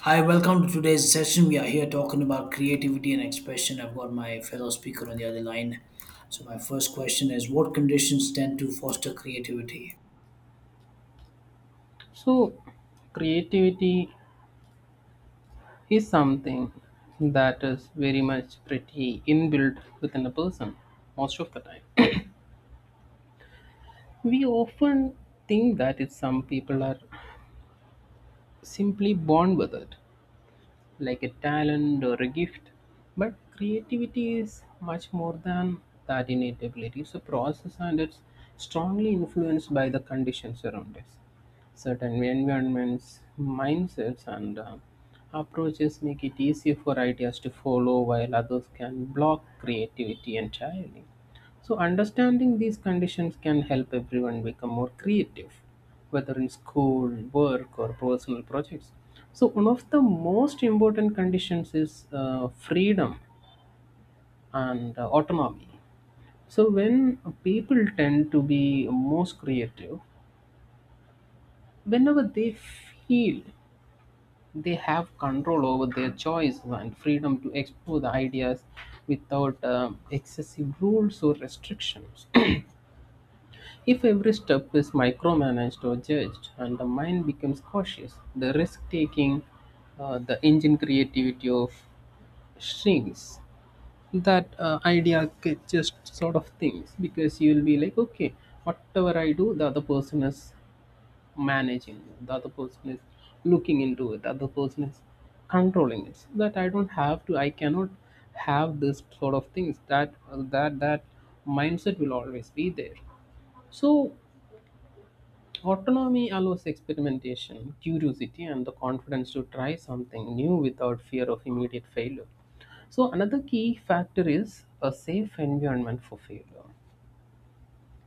Hi, welcome to today's session. We are here talking about creativity and expression. I've got my fellow speaker on the other line. So, my first question is: what conditions tend to foster creativity? So, creativity is something that is very much pretty inbuilt within a person most of the time. We often think that it's some people are simply born with it, like a talent or a gift. But creativity is much more than that innate ability. It's a process and it's strongly influenced by the conditions around us. Certain environments, mindsets, and approaches make it easier for ideas to follow, while others can block creativity entirely. So, understanding these conditions can help everyone become more creative, whether in school, work, or personal projects. So, one of the most important conditions is freedom and autonomy. So, when people tend to be most creative, whenever they feel they have control over their choice and freedom to explore the ideas without excessive rules or restrictions. If every step is micromanaged or judged and the mind becomes cautious, the risk taking, the engine creativity of shrinks. That idea just sort of things, because you'll be like, okay, whatever I do, the other person is managing, the other person is looking into it, the other person is controlling it. So that I don't have to, I cannot have this sort of things. That mindset will always be there. So, autonomy allows experimentation, curiosity, and the confidence to try something new without fear of immediate failure. So, another key factor is a safe environment for failure,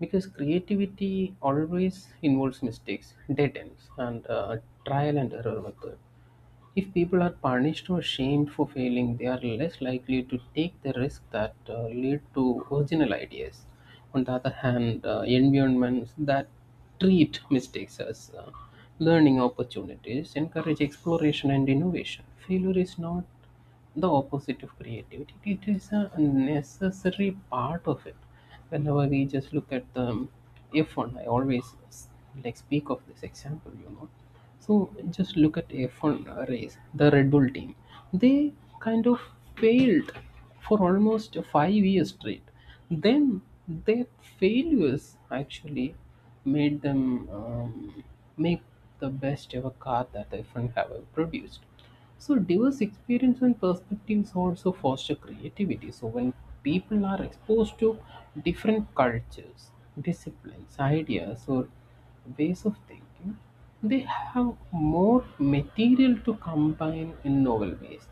because creativity always involves mistakes, dead ends, and trial and error method. If people are punished or shamed for failing, they are less likely to take the risks that lead to original ideas. On the other hand, environments that treat mistakes as learning opportunities encourage exploration and innovation. Failure is not the opposite of creativity. It is a necessary part of it. Whenever we just look at the F1, I always like speak of this example. So just look at F1 race, the Red Bull team. They kind of failed for almost 5 years straight. Then their failures actually made them make the best ever car that F1 have ever produced. So diverse experience and perspectives also foster creativity. So when people are exposed to different cultures, disciplines, ideas, or ways of thinking, they have more material to combine in novel ways.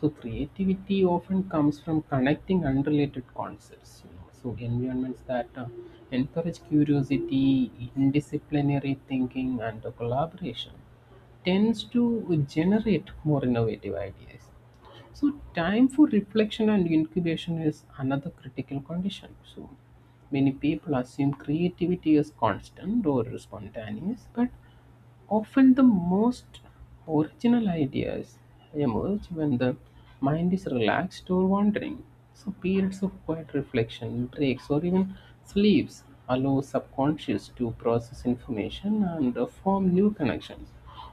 So creativity often comes from connecting unrelated concepts. So environments that encourage curiosity, interdisciplinary thinking, and collaboration tends to generate more innovative ideas. So, time for reflection and incubation is another critical condition. So, many people assume creativity is constant or spontaneous, but often the most original ideas emerge when the mind is relaxed or wandering. So, periods of quiet reflection, breaks, or even sleeps allow subconscious to process information and form new connections.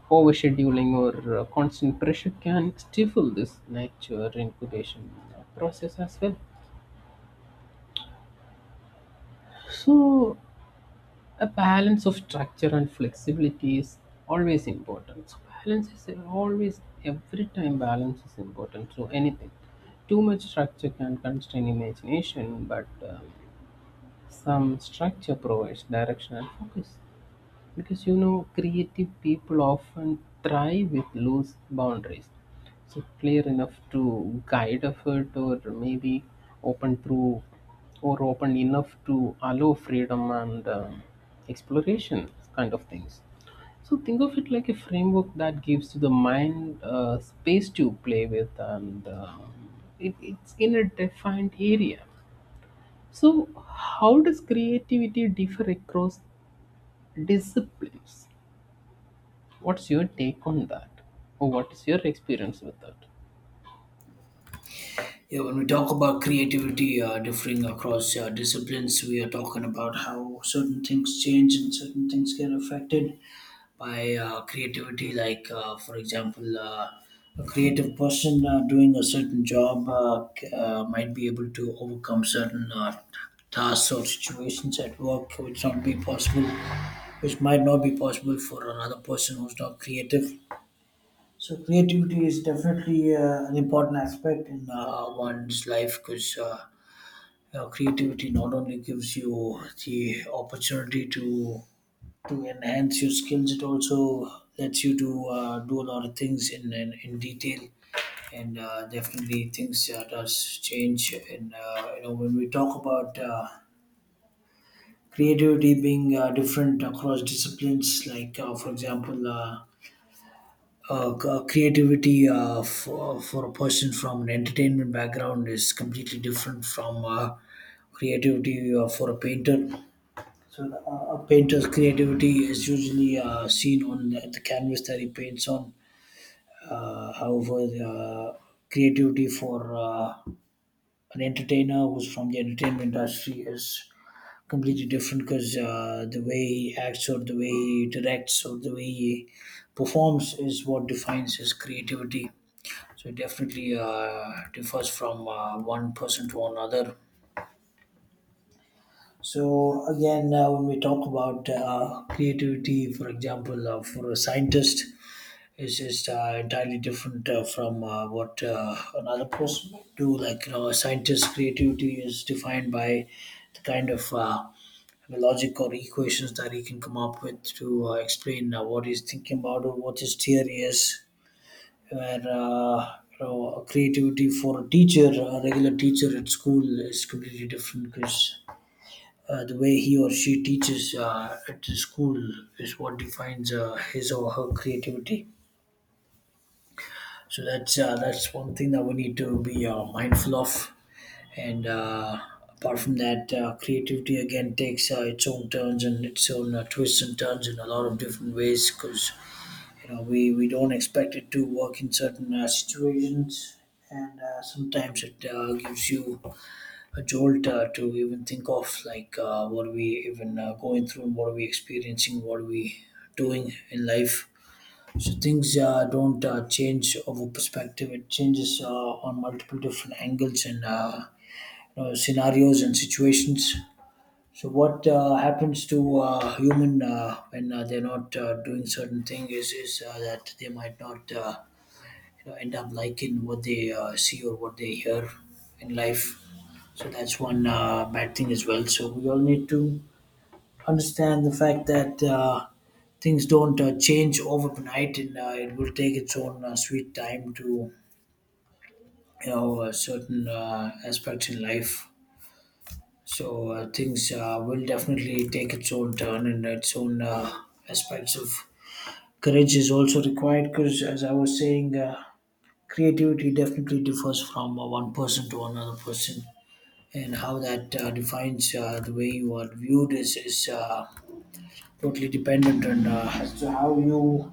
Overscheduling or constant pressure can stifle this nature incubation process as well. So, a balance of structure and flexibility is always important. So balance is always, every time balance is important. So anything, too much structure can constrain imagination, but some structure provides direction and focus, because creative people often thrive with loose boundaries, so clear enough to guide effort, or maybe open through, or open enough to allow freedom and exploration kind of things. So think of it like a framework that gives to the mind space to play with, and it's in a defined area. So, how does creativity differ across disciplines? What's your take on that? Or what is your experience with that? Yeah, when we talk about creativity differing across disciplines, we are talking about how certain things change and certain things get affected by creativity. Like for example, a creative person doing a certain job might be able to overcome certain tasks or situations at work which not be possible, which might not be possible for another person who's not creative. So creativity is definitely an important aspect in one's life, because creativity not only gives you the opportunity to enhance your skills. It also lets you to do a lot of things in detail, and definitely things does change. And you know, when we talk about creativity being different across disciplines, like for example. Creativity for a person from an entertainment background is completely different from creativity for a painter. So a painter's creativity is usually seen on the canvas that he paints on. However, creativity for an entertainer who's from the entertainment industry is completely different, because the way he acts, or the way he directs, or the way he performs is what defines his creativity. So it definitely differs from one person to another. So again, when we talk about creativity, for example, for a scientist, it's just entirely different from what another person might do. Like you know, a scientist's creativity is defined by the kind of logic or equations that he can come up with to explain what he's thinking about or what his theory is. Where you know, creativity for a teacher, a regular teacher at school, is completely different, because the way he or she teaches at the school is what defines his or her creativity. So that's one thing that we need to be mindful of. And apart from that, creativity again takes its own turns and its own twists and turns in a lot of different ways, because you know we don't expect it to work in certain situations, and sometimes it gives you a jolt to even think of, like what are we even going through, and what are we experiencing, what are we doing in life. So things don't change over perspective, it changes on multiple different angles and you know, scenarios and situations. So what happens to human when they're not doing certain thing is that they might not you know, end up liking what they see or what they hear in life. So that's one bad thing as well. So we all need to understand the fact that things don't change overnight, and it will take its own sweet time to you know certain aspects in life. So things will definitely take its own turn and its own aspects of courage is also required, because as I was saying creativity definitely differs from one person to another person, and how that defines the way you are viewed is totally dependent on as to how you,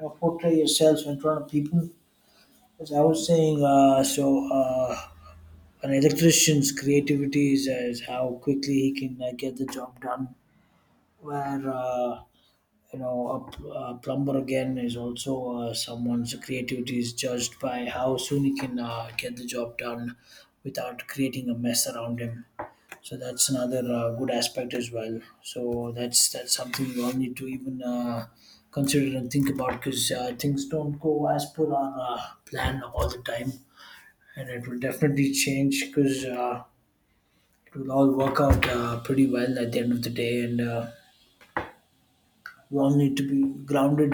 you portray yourself in front of people. As I was saying , so uh, an electrician's creativity is how quickly he can get the job done, where you know a plumber again is also someone's creativity is judged by how soon he can get the job done without creating a mess around him. So that's another good aspect as well. So that's something we all need to even consider and think about, because things don't go as per our plan all the time, and it will definitely change, because it will all work out pretty well at the end of the day. And we all need to be grounded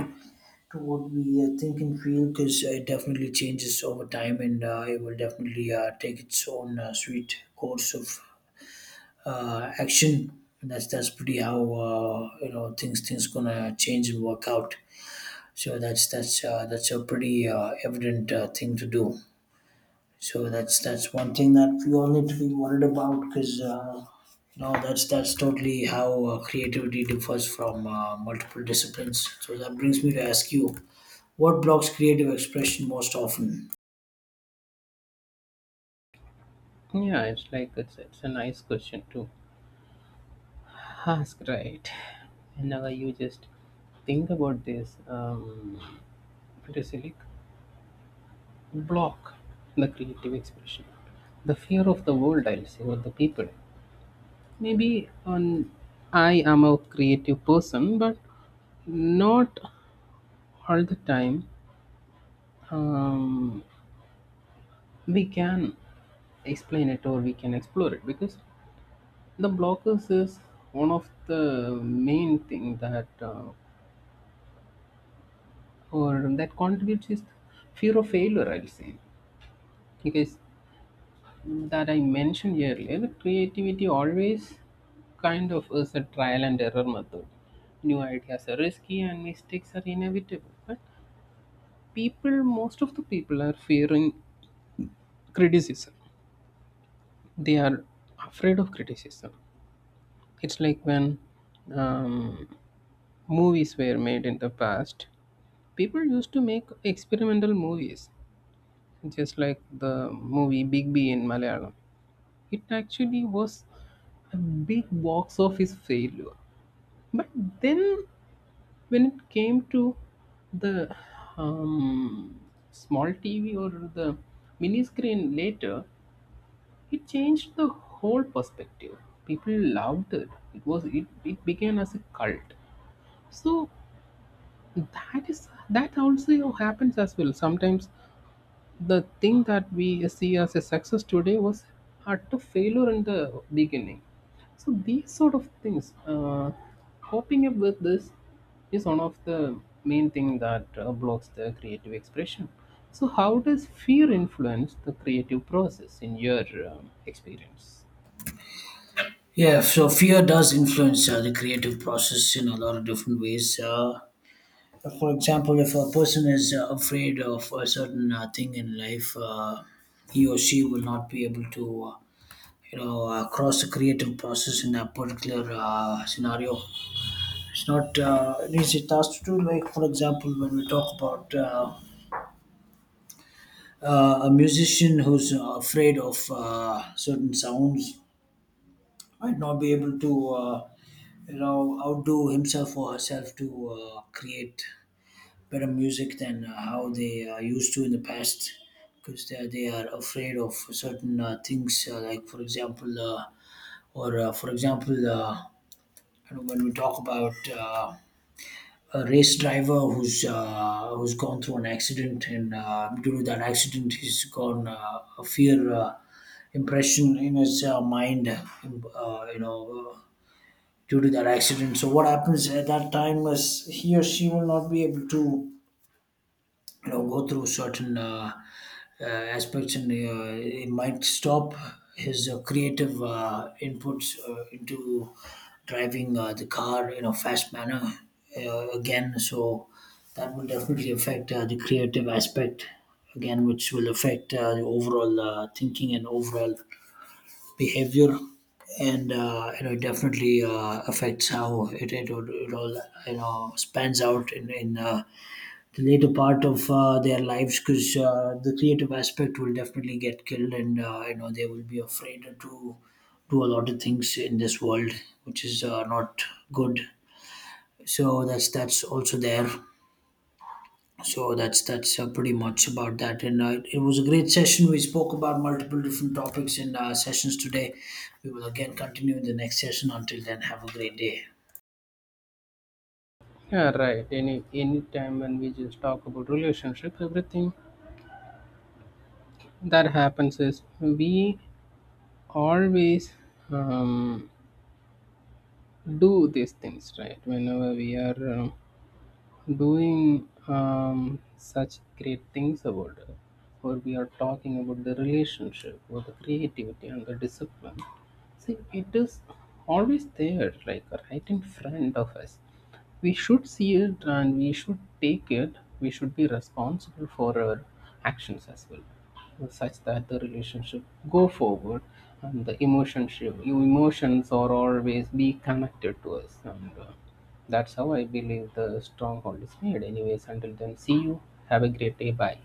to what we think and feel, because it definitely changes over time, and it will definitely take its own sweet course of action. And that's pretty how you know things gonna change and work out. So that's a pretty evident thing to do. So that's one thing that we all need to be worried about, because you know that's totally how creativity differs from multiple disciplines. So that brings me to ask you, what blocks creative expression most often? Yeah, it's like it's a nice question to ask, right? And now you just think about this. It is like block the creative expression, the fear of the world. I'll say, or the people. Maybe on, I am a creative person, but not all the time. Um, we can explain it, or we can explore it, because the blockers is one of the main thing that or that contributes is fear of failure. I'll say, because that I mentioned earlier, creativity always kind of is a trial and error method. New ideas are risky and mistakes are inevitable. But people, most of the people are fearing criticism. They are afraid of criticism. It's like when um, movies were made in the past, people used to make experimental movies, just like the movie Big B in Malayalam. It actually was a big box office failure. But then, when it came to the um, small TV or the mini screen later, it changed the whole perspective. People loved it. It was it began as a cult. So that is that also happens as well sometimes. The thing that we see as a success today was utter failure in the beginning. So these sort of things, coping up with this is one of the main thing that blocks the creative expression. So how does fear influence the creative process in your experience? Yeah, so fear does influence the creative process in a lot of different ways. For example, if a person is afraid of a certain thing in life, he or she will not be able to, cross the creative process in that particular scenario. It's not an easy task to do. Like, for example, when we talk about a musician who's afraid of certain sounds might not be able to you know, outdo himself or herself to create better music than how they used to in the past, because they are afraid of certain things, like for example or for example you know, when we talk about a race driver who's who's gone through an accident, and due to that accident he's gone a fear impression in his mind, you know, due to that accident. So what happens at that time is he or she will not be able to you know go through certain aspects, and it might stop his creative inputs into driving the car in a fast manner again. So that will definitely affect the creative aspect again, which will affect the overall thinking and overall behavior. And you know, it definitely affects how it all you know spans out in the later part of their lives, because the creative aspect will definitely get killed, and you know, they will be afraid to do a lot of things in this world, which is not good. So that's also there. So that's pretty much about that. And it was a great session, we spoke about multiple different topics in sessions today. We will again continue in the next session. Until then, have a great day. Yeah, right. Any time when we just talk about relationship, everything that happens is we always um, do these things, right? Whenever we are doing such great things about it, or we are talking about the relationship or the creativity and the discipline, see, it is always there, like right in front of us. We should see it and we should take it. We should be responsible for our actions as well, such that the relationship go forward, and your emotions are always be connected to us, and that's how I believe the stronghold is made. Anyways, until then, see you. Have a great day. Bye.